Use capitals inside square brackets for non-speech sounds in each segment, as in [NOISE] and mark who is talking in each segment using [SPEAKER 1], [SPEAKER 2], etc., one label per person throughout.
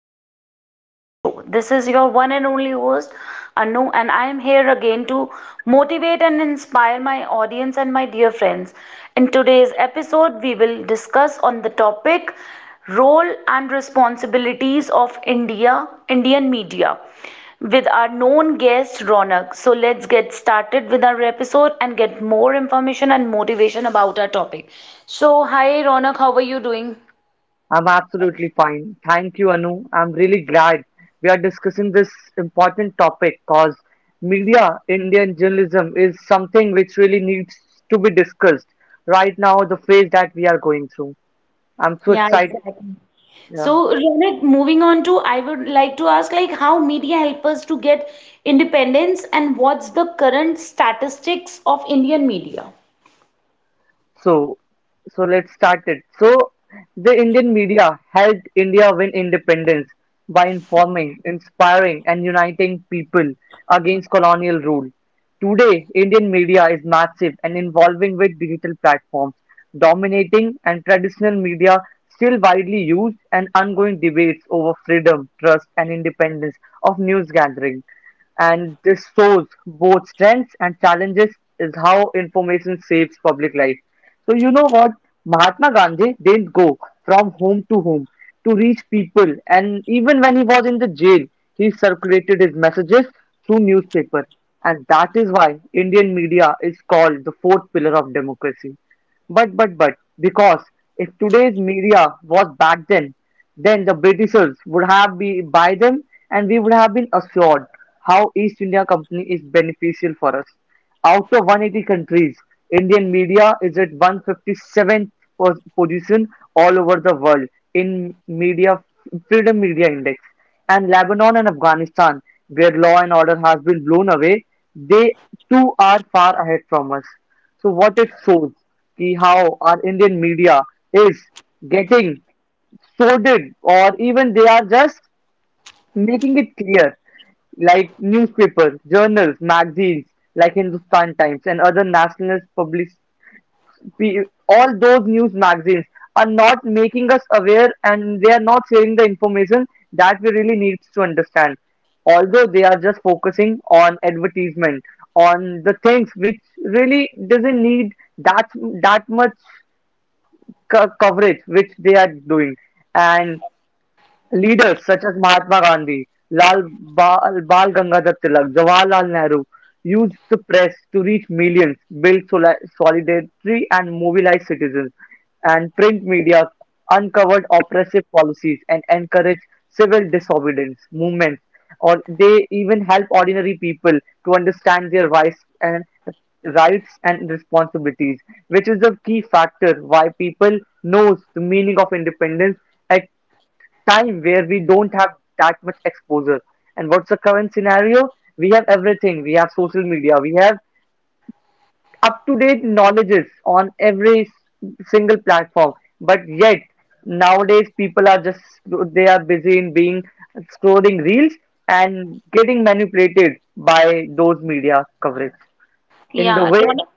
[SPEAKER 1] podcast, The Anu Show. This is your one and only host, Anu, and I am here again to motivate and inspire my audience and my dear friends. In today's episode, we will discuss on the topic role and responsibilities of India, Indian media with our known guest Ronak. So let's get started with our episode and get more information and motivation about our topic. So hi Ronak, how are you doing?
[SPEAKER 2] I'm absolutely fine. Thank you, Anu. I'm really glad we are discussing this important topic because media, Indian journalism is something which really needs to be discussed right now, the phase that we are going through. I'm so
[SPEAKER 1] Yeah,
[SPEAKER 2] excited.
[SPEAKER 1] exactly.
[SPEAKER 2] Yeah.
[SPEAKER 1] So, Ronak, moving on to, I would like to ask, like, how media help us to get independence, and what's the current statistics of Indian media?
[SPEAKER 2] So, so let's start it. So, the Indian media helped India win independence by informing, inspiring, and uniting people against colonial rule. Today, Indian media is massive and involving with digital platforms, dominating and traditional media still widely used and ongoing debates over freedom, trust, and independence of news gathering, and this shows both strengths and challenges is how information saves public life. So you know what? Mahatma Gandhi didn't go from home to home to reach people, and even when he was in the jail, he circulated his messages through newspaper, and that is why Indian media is called the fourth pillar of democracy. But because if today's media was back then the Britishers would have been by them, and we would have been assured how East India Company is beneficial for us. Out of 180 countries, Indian media is at 157th position all over the world in media Freedom Media Index. And Lebanon and Afghanistan, where law and order has been blown away, they too are far ahead from us. So what it shows ki how our Indian media is getting sorted, or even they are just making it clear, like newspapers, journals, magazines, like Hindustan Times and other nationalist public, pe- all those news magazines are not making us aware and they are not sharing the information that we really need to understand. Although they are just focusing on advertisement, on the things which really doesn't need that that much coverage which they are doing, and leaders such as Mahatma Gandhi, Bal Gangadhar Tilak, Jawaharlal Nehru used the press to reach millions, build solidarity and mobilize citizens, and print media uncovered oppressive policies and encouraged civil disobedience movements, or they even help ordinary people to understand their rights and responsibilities, which is the key factor why people knows the meaning of independence time where we don't have that much exposure. And what's the current scenario? We have everything. We have social media. We have up to date knowledges on every single platform. But yet nowadays people are just they are busy in being scrolling reels and getting manipulated by those media coverage. In the
[SPEAKER 1] Yeah,
[SPEAKER 2] way,
[SPEAKER 1] Ronak.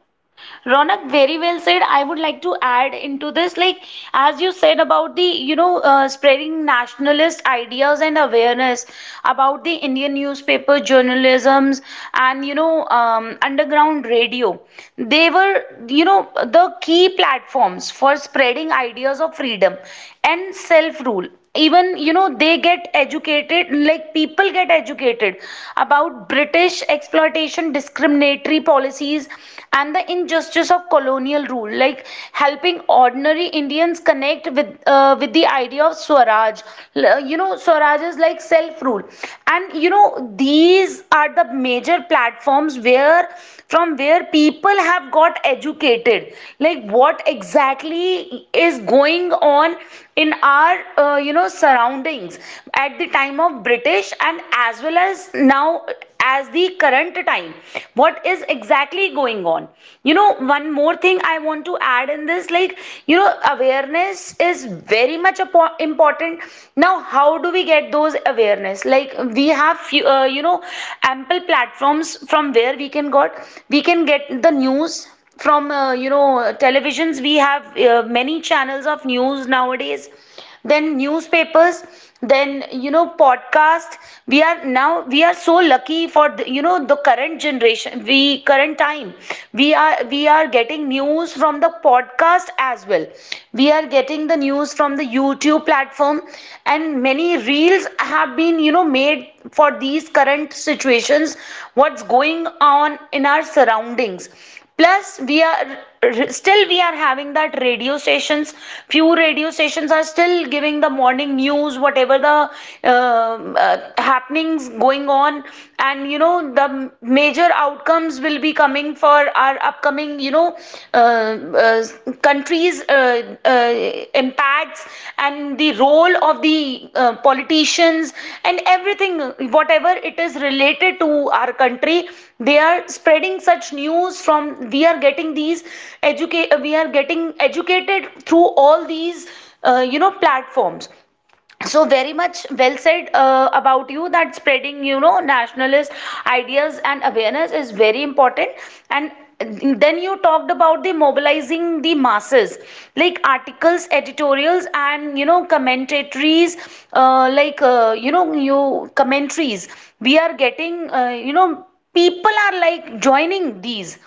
[SPEAKER 1] Ronak, very well said. I would like to add into this, like as you said about the, spreading nationalist ideas and awareness about the Indian newspaper journalisms and underground radio. They were, you know, the key platforms for spreading ideas of freedom and self-rule, even you know they get educated, like people get educated about british exploitation, discriminatory policies, and the injustice of colonial rule, like helping ordinary indians connect with the idea of swaraj. You know swaraj is like self rule, and you know these are the major platforms where from where people have got educated like what exactly is going on in our uh, surroundings at the time of british and as well as now, as the current time, what is exactly going on, you know. One more thing I want to add in this, like you know awareness is very much important. Now how do we get those awareness? Like we have few, you know ample platforms from where we can get the news from you know televisions. We have many channels of news nowadays, then newspapers, then you know podcast. We are so lucky for the, you know the current generation, we current time, we are getting news from the podcast as well. We are getting the news from the youtube platform, and many reels have been you know made for these current situations, what's going on in our surroundings. Plus we are still we are having that radio stations. Few radio stations are still giving the morning news, whatever the happenings going on, and you know the major outcomes will be coming for our upcoming you know uh, uh, countries, these impacts and the role of the politicians and everything, whatever it is related to our country, they are spreading such news from. We are getting these educate. We are getting educated through all these you know platforms. So very much well said about you, that spreading you know nationalist ideas and awareness is very important. And then you talked about the mobilizing the masses, like articles, editorials, and you know commentaries. Like you know you Commentaries, we are getting you know people are like joining these.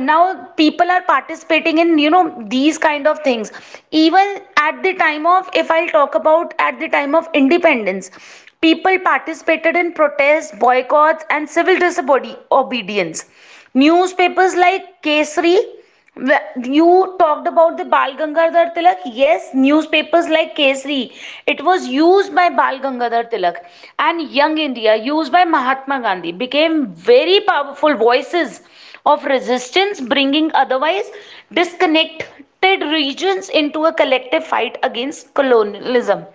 [SPEAKER 1] Now people are participating in you know these kind of things, even at the time of, if I'll talk about, at the time of independence people participated in protests, boycotts and civil disobedience. Newspapers like kesari, well, you talked about the Bal Gangadhar Tilak. Yes, newspapers like Kesari. It was used by Bal Gangadhar Tilak, and Young India, used by Mahatma Gandhi, became very powerful voices of resistance, bringing otherwise disconnected regions into a collective fight against colonialism.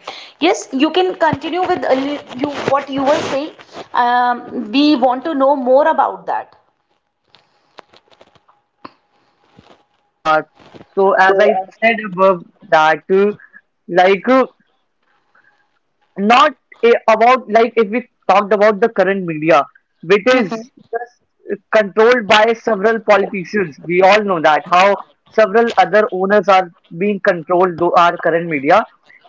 [SPEAKER 1] Yes, you can continue with a you what you were saying. We want to know more about that.
[SPEAKER 2] yeah. So as
[SPEAKER 1] So,
[SPEAKER 2] I said above that, like. uh, not about like if we talked about the current media, which is
[SPEAKER 1] mhm.
[SPEAKER 2] just controlled by several politicians. We all know that how several other owners are being controlled through our current media.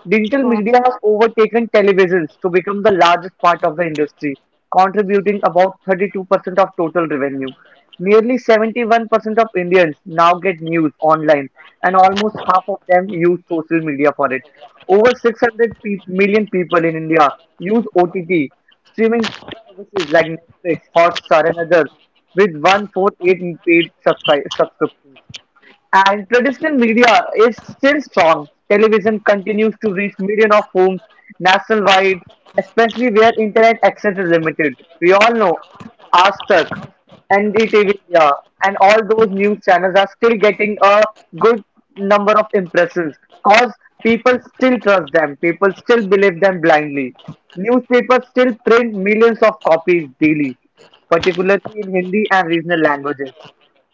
[SPEAKER 2] Digital
[SPEAKER 1] Mm.
[SPEAKER 2] media has overtaken televisions to become the largest part of the industry, contributing about 32% of total revenue. Nearly 71% of Indians now get news online, and almost half of them use social media for it. Over 600 million people in India use OTT streaming services like Netflix, Hotstar, and others, with 148 paid subscriptions. And traditional media is still strong. Television continues to reach millions of homes nationwide, especially where internet access is limited. We all know Aztec, NDTV India, and all those news channels are still getting a good number of impressions because people still trust them, people still believe them blindly. Newspapers still print millions of copies daily, particularly in Hindi and regional languages.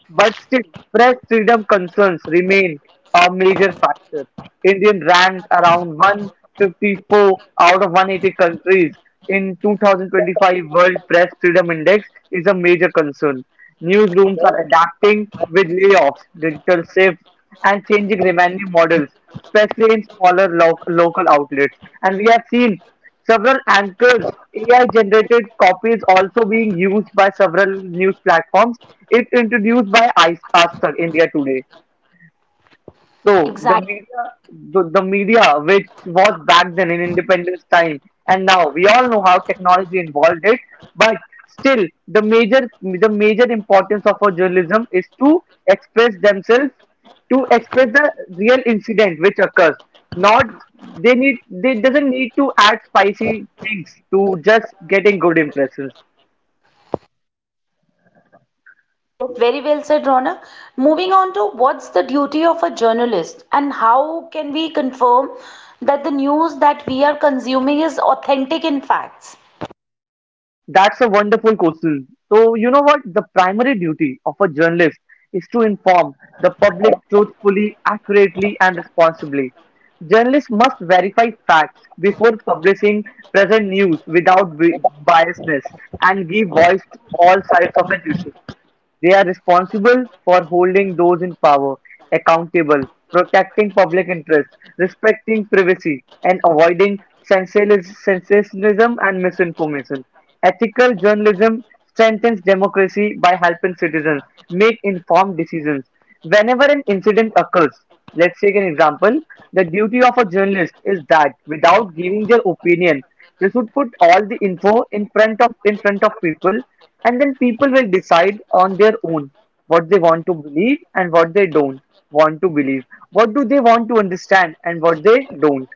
[SPEAKER 2] But still, press freedom concerns remain a major factor. Indian ranked around 154 out of 180 countries in 2025 World Press Freedom Index is a major concern. Newsrooms are adapting with layoffs, digital shifts, and changing revenue models, especially in smaller local outlets. And we have seen several anchors AI-generated copy is also being used by several news platforms. It introduced by Ice Aster India Today. So the
[SPEAKER 1] Exactly.
[SPEAKER 2] media, the media, which was back then in independence time, and now we all know how technology involved it. But still, the major importance of our journalism is to express themselves, to express the real incident which occurs. Not they need, they doesn't need to add spicy things to just getting good impressions.
[SPEAKER 1] Yes, very well said, Rona. Moving on to, what's the duty of a journalist and how can we confirm that the news that we are consuming is authentic in facts?
[SPEAKER 2] That's a wonderful question. So, you know what? The primary duty of a journalist is to inform the public truthfully, accurately, and responsibly. Journalists must verify facts before publishing present news without biasness and give voice to all sides of an issue. They are responsible for holding those in power accountable, protecting public interest, respecting privacy, and avoiding sensationalism and misinformation. Ethical journalism strengthens democracy by helping citizens make informed decisions. Whenever an incident occurs, let's take an example. The duty of a journalist is that without giving their opinion, they should put all the info in front of people and then people will decide on their own what they want to believe and what they don't want to believe. What do they want to understand and what they don't.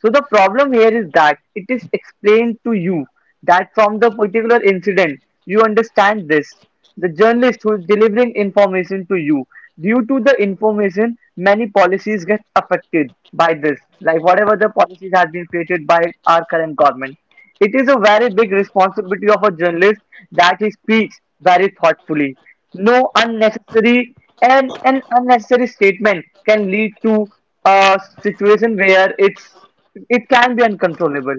[SPEAKER 2] So the problem here is that it is explained to you that from the particular incident, you understand this. The journalist who is delivering information to you, due to the information, many policies get affected by this. Like whatever the policies have been created by our current government. It is a very big responsibility of a journalist that he speaks very thoughtfully. No unnecessary and an unnecessary statement can lead to a situation where it can be uncontrollable.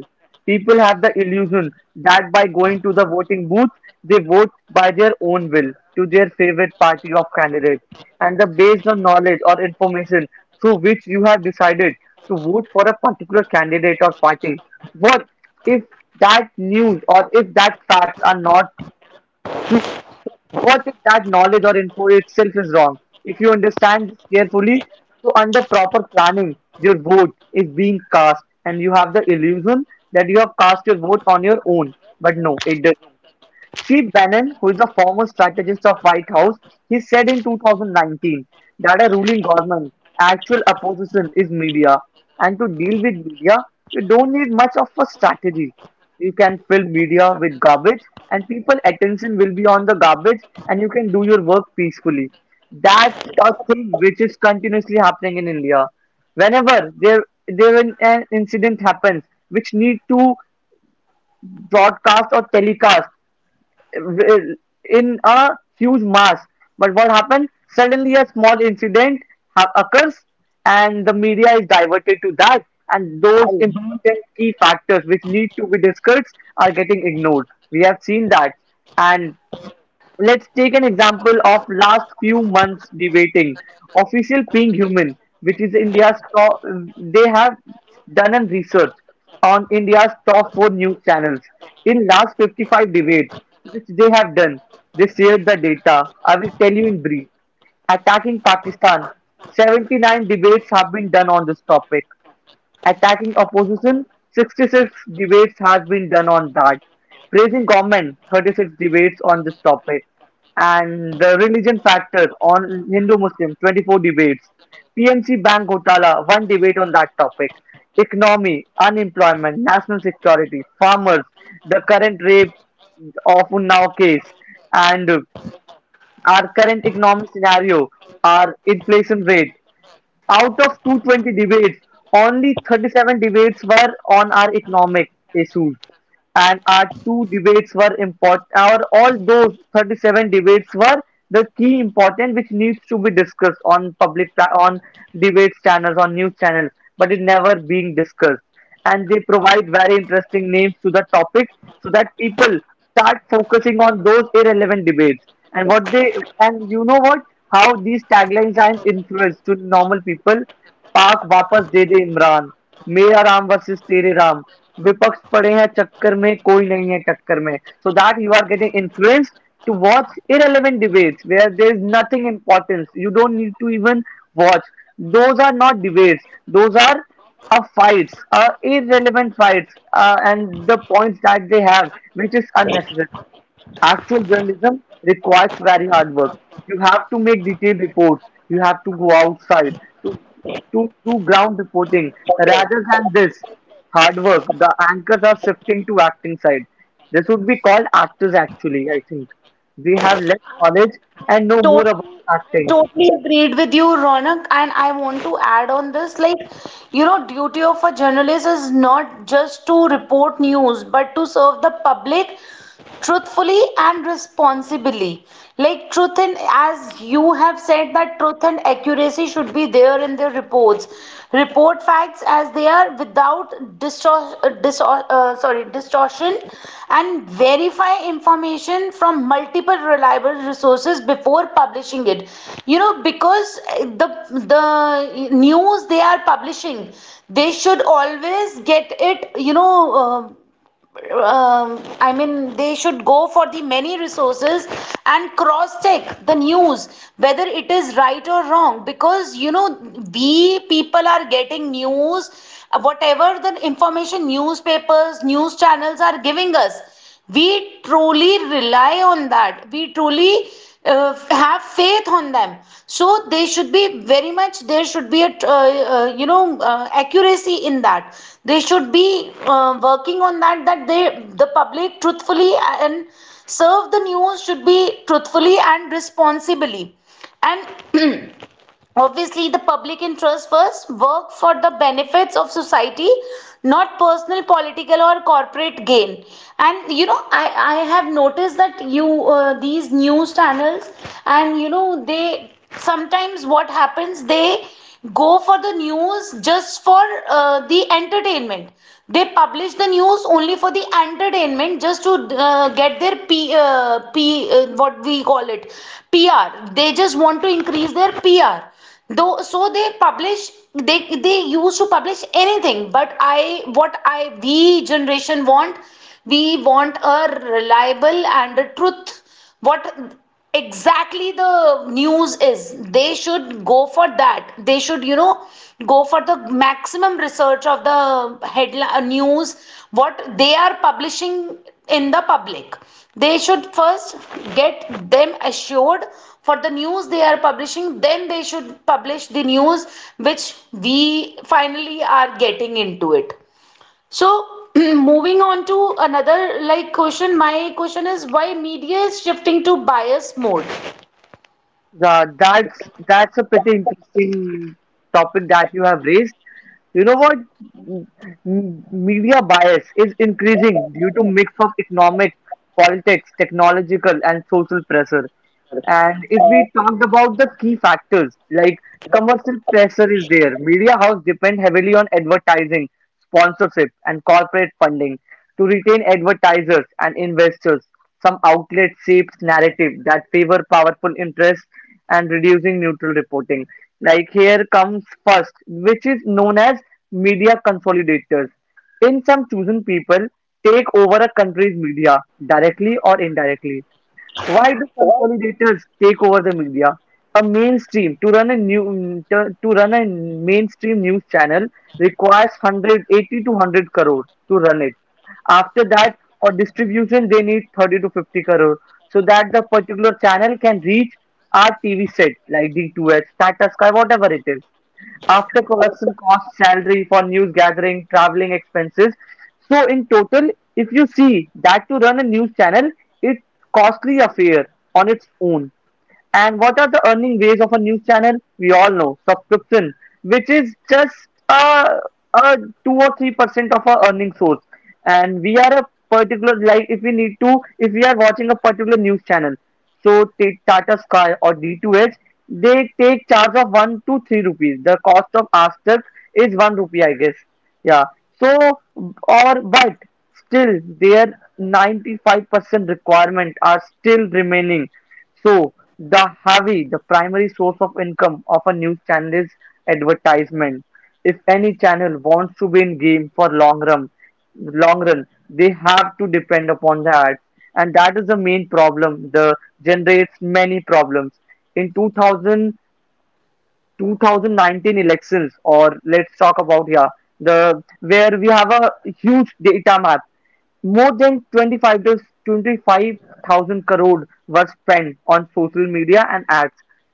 [SPEAKER 2] People have the illusion that by going to the voting booth, they vote by their own will to their favorite party of candidate, and the based on knowledge or information through which you have decided to vote for a particular candidate or party. What if that news or if that facts are not true? What if that knowledge or info itself is wrong? If you understand this carefully, so under proper planning, your vote is being cast and you have the illusion that you have cast your vote on your own. But no, it doesn't. Steve Bannon, who is a former strategist of White House, he said in 2019 that a ruling government actual opposition is media and to deal with media you don't need much of a strategy. You can fill media with garbage and people attention will be on the garbage and you can do your work peacefully. That's a thing which is continuously happening in India. Whenever an incident happens which need to broadcast or telecast in a huge mass. But what happened? Suddenly, a small incident occurs, and the media is diverted to that, and those important key factors which need to be discussed are getting ignored. We have seen that, and let's take an example of last few months debating official being human, which is India's top. They have done a research on India's top four news channels in last 55 debates, which they have done. They shared the data. I will tell you in brief. Attacking Pakistan, 79 debates have been done on this topic. Attacking opposition, 66 debates has been done on that. Praising government, 36 debates on this topic. And the religion factor on Hindu-Muslim, 24 debates. PMC Bank Gotala, one debate on that topic. Economy, unemployment, national security, farmers, the current rape of Unnao case, and our current economic scenario, our inflation rate, out of 220 debates, only 37 debates were on our economic issues, and our two debates were important. Our all those 37 debates were the key important which needs to be discussed on public, on debates channels, on news channels, but it never being discussed and they provide very interesting names to the topic so that people start focusing on those irrelevant debates and what they and you know what how these taglines are an influence to normal people. पाक वापस दे दे इमरान. मेरा Ram versus तेरे राम. विपक्ष पड़े हैं चक्कर में कोई नहीं है टक्कर में. So that you are getting influence to watch irrelevant debates where there is nothing importance you don't need to even watch. Those are not debates. Those are fights, irrelevant fights, and the points that they have, which is unnecessary. Actual journalism requires very hard work. You have to make detailed reports. You have to go outside to to do ground reporting rather than this hard work. The anchors are shifting to acting side. This would be called actors actually. I think we have less knowledge and know more
[SPEAKER 1] Totally,
[SPEAKER 2] about
[SPEAKER 1] I
[SPEAKER 2] acting.
[SPEAKER 1] totally agreed with you, Ronak, and I want to add on this. Like, you know, duty of a journalist is not just to report news, but to serve the public truthfully and responsibly, like truth, and as you have said that truth and accuracy should be there in their reports, report facts as they are without distor- distor- sorry distortion, and verify information from multiple reliable resources before publishing it. You know because the news they are publishing, they should always get it you know I mean, they should go for the many resources and cross check the news whether it is right or wrong. Because you know, we people are getting news, whatever the information newspapers, news channels are giving us, we truly rely on that. We truly have faith on them. So they should be very much, there should be a you know accuracy in that. They should be working on that, that they the public truthfully, and serve the news should be truthfully and responsibly, and [CLEARS THROAT] obviously, the public interest first, work for the benefits of society, not personal, political, or corporate gain. And you know, I have noticed that you these news channels, and you know, they sometimes what happens, they go for the news just for the entertainment. They publish the news only for the entertainment, just to get their P, P what we call it, PR. They just want to increase their PR. Though, so they publish they used to publish anything. But I what I we generation want, we want a reliable and a truth, what exactly the news is. They should go for that. They should you know go for the maximum research of the headline news, what they are publishing in the public. They should first get them assured for the news they are publishing, then they should publish the news which we finally are getting into it. So, [CLEARS THROAT] moving on to another like question, my question is, why media is shifting to bias mode?
[SPEAKER 2] That's a pretty interesting topic that you have raised. You know what? Media bias is increasing due to mix of economic, politics, technological, and social pressure. And if we talked about the key factors, like commercial pressure is there. Media house depend heavily on advertising, sponsorship, and corporate funding to retain advertisers and investors. Some outlet shapes narrative that favor powerful interests and reducing neutral reporting. Like here comes first, which is known as media consolidators. In some chosen people, take over a country's media directly or indirectly. Why do consolidators take over the media? A mainstream to run a new mm, To run a mainstream news channel requires 180 to 100 crore to run it. After that, for distribution, they need 30 to 50 crore so that the particular channel can reach our TV set like D2H, Tata Sky, whatever it is, after production cost, salary for news gathering, traveling expenses. So in total, if you see that to run a news channel, it. Costly affair on its own. And what are the earning ways of a news channel? We all know subscription, which is just a, a 2 or 3% of our earning source. And we are a particular, like if we need to, if we are watching a particular news channel. So Tata Sky or D2H, they take charge of one to three rupees. The cost of Aztec is one rupee, I guess. Yeah. So or but still their 95% requirement are still remaining. So the heavy, the primary source of income of a news channel is advertisement. If any channel wants to be in game for long run, long run, they have to depend upon the ads, and that is the main problem the generates many problems in 2000 2019 elections, or let's talk about here, the where we have a huge data map, more than 25 to 25,000 crore was spent on social media and ads.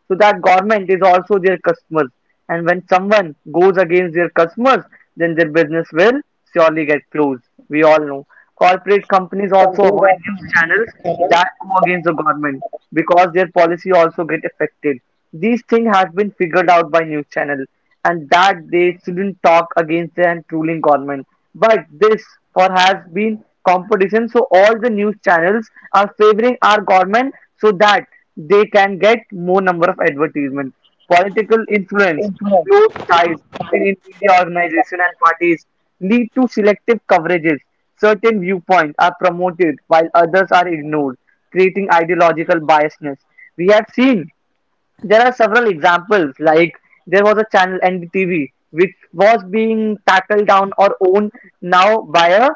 [SPEAKER 2] So that government is also their customers. And when someone goes against their customers, then their business will surely get closed. We all know. Corporate companies also avoid news
[SPEAKER 1] Companies
[SPEAKER 2] channels that go against the government because their policy also get affected. These things have been figured out by news channel and that they shouldn't talk against an ruling government. But this for has been competition, so all the news channels are favoring our government so that they can get more number of advertisement. Political influence, close
[SPEAKER 1] are.
[SPEAKER 2] ties between media organization and parties lead to selective coverages. Certain viewpoints are promoted while others are ignored, creating ideological biasness. We have seen there are several examples, like there was a channel NDTV which was being tackled down or owned now by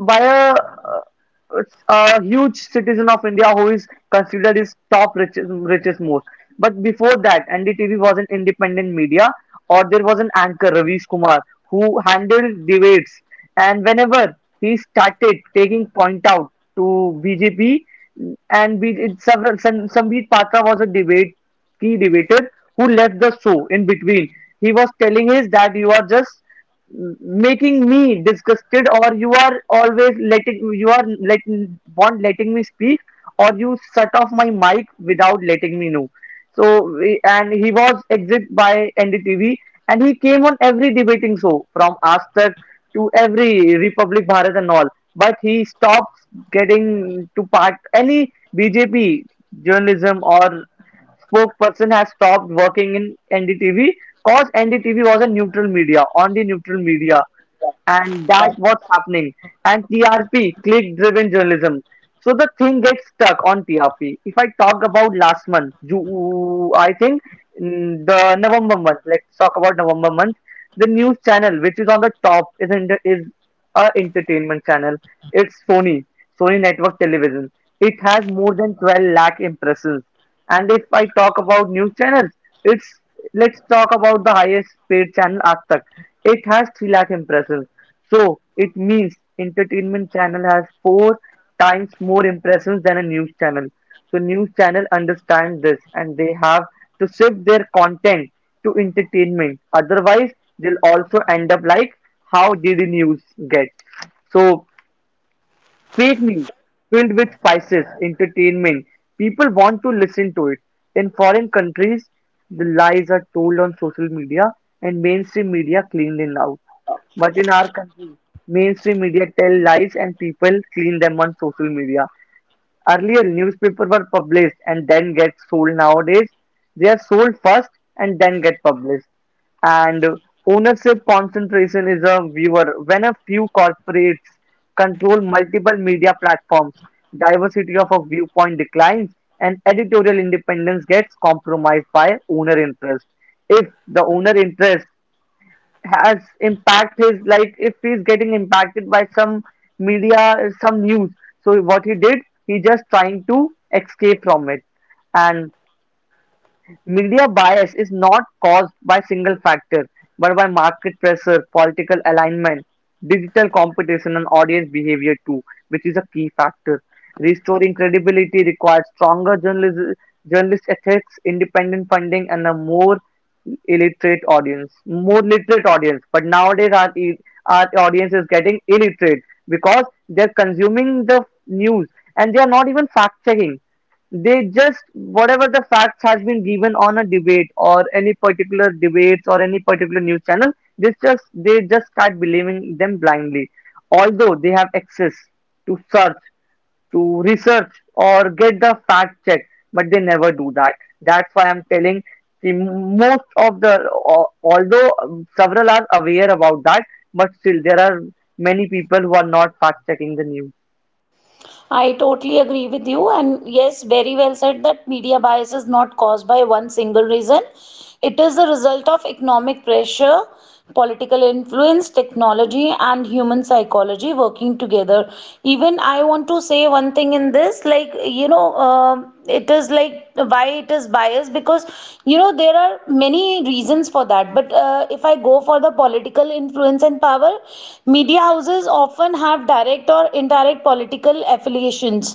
[SPEAKER 2] by a, uh, a huge citizen of India who is considered his top richest, richest most. But before that, NDTV was an independent media, or there was an anchor, Ravish Kumar, who handled debates. And whenever he started taking point out to BJP, and be, it, several, Sambit Patra was a debate key debater who left the show in between. He was telling us that you are just making me disgusted, or you are always letting, you are let won't letting me speak, or you shut off my mic without letting me know. So and he was exit by NDTV, and he came on every debating show from Astar to every Republic Bharat and all, but he stopped getting to part any BJP journalism or spokesperson has stopped working in NDTV because NDTV was a neutral media on the neutral media. And that what's happening, and TRP click driven journalism. So the thing gets stuck on TRP. If I talk about last month, you, I think the November month, let's talk about November month. The news channel which is on the top is in the, is a entertainment channel. It's Sony network television. It has more than 12 lakh impressions. And if I talk about news channels, it's, let's talk about the highest paid channel Aaj Tak. It has 3 lakh impressions. So it means entertainment channel has four times more impressions than a news channel. So news channel understand this and they have to shift their content to entertainment. Otherwise, they'll also end up like how did the news get? So fake news filled with spices, entertainment. People want to listen to it. In foreign countries, the lies are told on social media and mainstream media cleaned it out. But in our country, mainstream media tell lies and people clean them on social media. Earlier newspapers were published and then get sold. Nowadays they are sold first and then get published. And ownership concentration is a viewer when a few corporates control multiple media platforms, diversity of a viewpoint declines and editorial independence gets compromised by owner interest. If the owner interest has impact his, like if he's getting impacted by some media, some news, so what he did, he just trying to escape from it. And media bias is not caused by single factor, but by market pressure, political alignment, digital competition, and audience behavior too, which is a key factor. Restoring credibility requires stronger journalism, journalist ethics, independent funding, and a more illiterate audience, more literate audience. But nowadays, our audience is getting illiterate because they're consuming the news and they are not even fact checking. They just, whatever the facts has been given on a debate or any particular debates or any particular news channel, they just start believing them blindly. Although they have access to search, to research or get the fact check, but they never do that. That's why I'm telling the most of the although several are aware about that, but still there are many people who are not fact checking the news.
[SPEAKER 1] I totally agree with you. And yes, very well said, that media bias is not caused by one single reason. It is the result of economic pressure, political influence, technology, and human psychology working together. Even I want to say one thing in this, like, you know, it is like why it is biased, because, you know, there are many reasons for that. But if I go for the political influence and power, media houses often have direct or indirect political affiliations.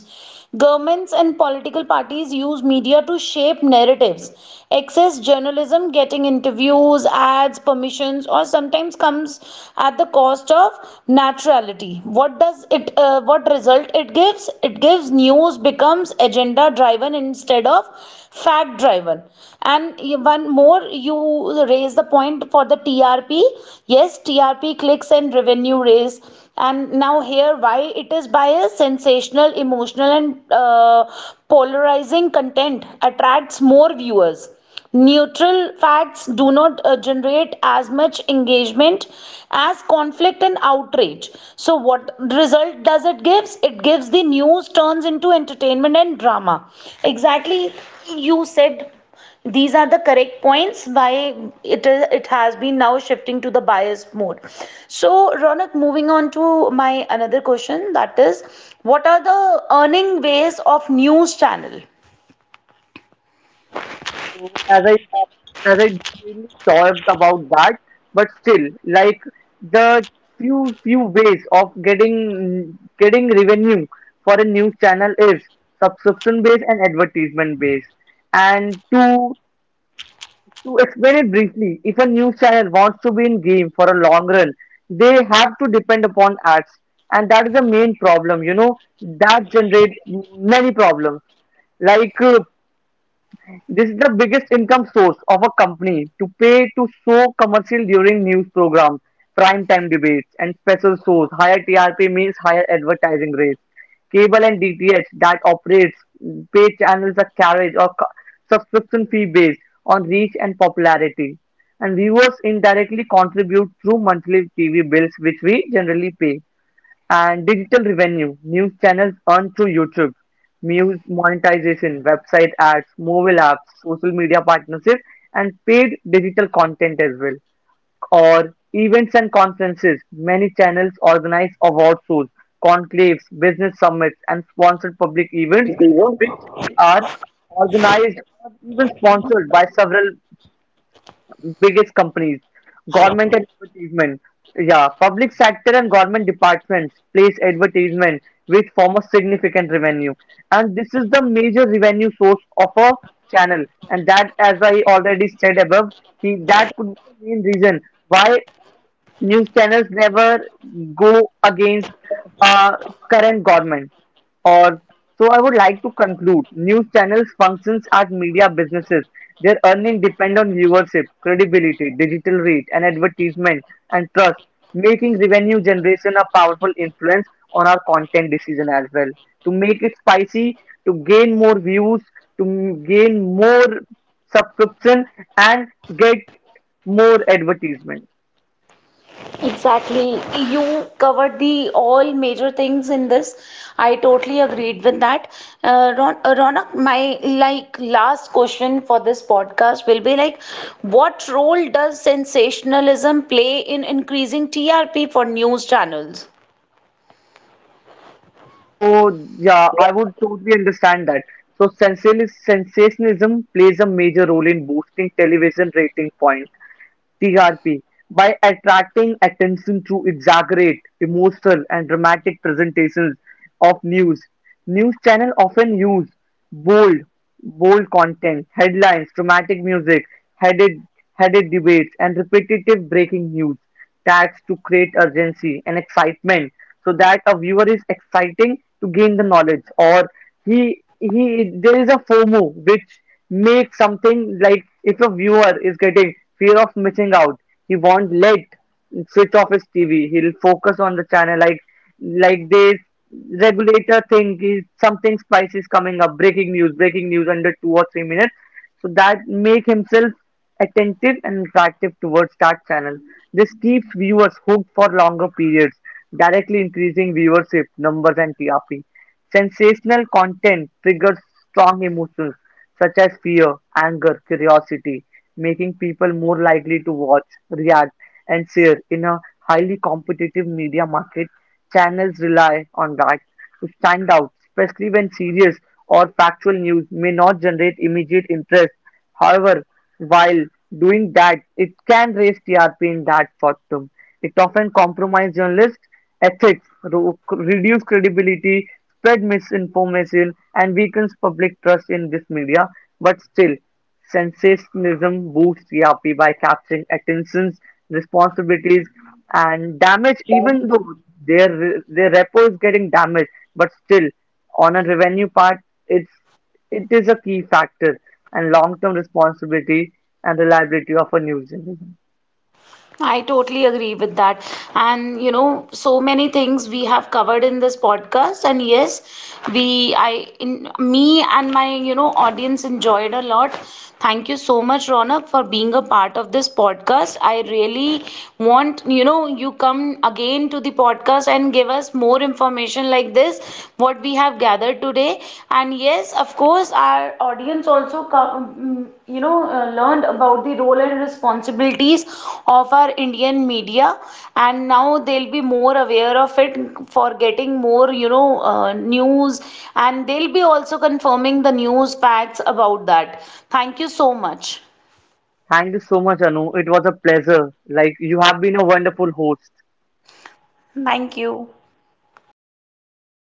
[SPEAKER 1] Governments and political parties use media to shape narratives. Excess journalism, getting interviews, ads, permissions, or sometimes comes at the cost of naturality. What does it? What result it gives? It gives news becomes agenda driven instead of Fat driven. And one more, you raise the point for the trp. Yes, trp clicks and revenue raise. And now here why it is biased, sensational, emotional, and polarizing content attracts more viewers. Neutral facts do not generate as much engagement as conflict and outrage. So, what result does it gives? It gives the news turns into entertainment and drama. Exactly, you said these are the correct points why it has been now shifting to the biased mode. So, Ronak, moving on to my another question, that is, what are the earning ways of news channel?
[SPEAKER 2] So as I really talked about that, but still, like the few ways of getting revenue for a news channel is subscription based and advertisement based. And to explain it briefly, if a news channel wants to be in game for a long run, they have to depend upon ads, and that is the main problem. You know that generates many problems like this is the biggest income source of a company to pay to show commercial during news programs, prime time debates, and special shows. Higher TRP means higher advertising rates. Cable and DTH that operates pay channels are carriage or subscription fee based on reach and popularity. And viewers indirectly contribute through monthly TV bills, which we generally pay, and digital revenue, news channels earn through YouTube, news monetization, website ads, mobile apps, social media partnerships, and paid digital content as well. Or events and conferences, many channels organize award shows, conclaves, business summits, and sponsored public events, which are organized or even sponsored by several biggest companies, government and advertisement. Yeah, public sector and government departments place advertisement with form of significant revenue, and this is the major revenue source of a channel. And that, as I already said above, that could be the main reason why news channels never go against uh, current government. Or so I would like to conclude. News channels functions as media businesses. Their earning depend on viewership, credibility, digital reach, and advertisement and trust, making revenue generation a powerful influence on our content decision as well. To make it spicy, to gain more views, to gain more subscription, and get more advertisement.
[SPEAKER 1] Exactly. You covered the all major things in this. I totally agreed with that. Ronak, my like last question for this podcast will be like, what role does sensationalism play in increasing TRP for news channels?
[SPEAKER 2] So yeah, I would totally understand that. So sensationalism plays a major role in boosting television rating point (TRP) by attracting attention through exaggerate, emotional, and dramatic presentations of news. News channels often use bold, bold content, headlines, dramatic music, headed, headed debates, and repetitive breaking news tags to create urgency and excitement so that a viewer is exciting to gain the knowledge, or he there is a FOMO which makes something like if a viewer is getting fear of missing out, he won't let switch off his TV. He'll focus on the channel like they regulator thing is something spicy is coming up, breaking news under 2 or 3 minutes. So that make himself attentive and attractive towards that channel. This keeps viewers hooked for longer periods, directly increasing viewership numbers and TRP. Sensational content triggers strong emotions such as fear, anger, curiosity, making people more likely to watch, react, and share in a highly competitive media market. Channels rely on that to stand out, especially when serious or factual news may not generate immediate interest. However, while doing that, it can raise TRP in that fortum. It often compromises journalists' ethics, reduce credibility, spread misinformation, and weakens public trust in this media. But still, sensationalism boosts Yuppie by capturing attention's responsibilities and damage, even though their their repo is getting damaged, but still on a revenue part, it's it is a key factor and long term responsibility and reliability of a news journalism.
[SPEAKER 1] I totally agree with that. And you know, so many things we have covered in this podcast. And yes, in me and my, you know, audience enjoyed a lot. Thank you so much, Ronak, for being a part of this podcast. I really want, you know, you come again to the podcast and give us more information like this, what we have gathered today. And yes, of course, our audience also, you know, learned about the role and responsibilities of our Indian media. And now they'll be more aware of it for getting more, you know, news. And they'll be also confirming the news facts about that. Thank you so much.
[SPEAKER 2] Thank you so much, Anu. It was a pleasure. Like you have been a wonderful host.
[SPEAKER 1] Thank you.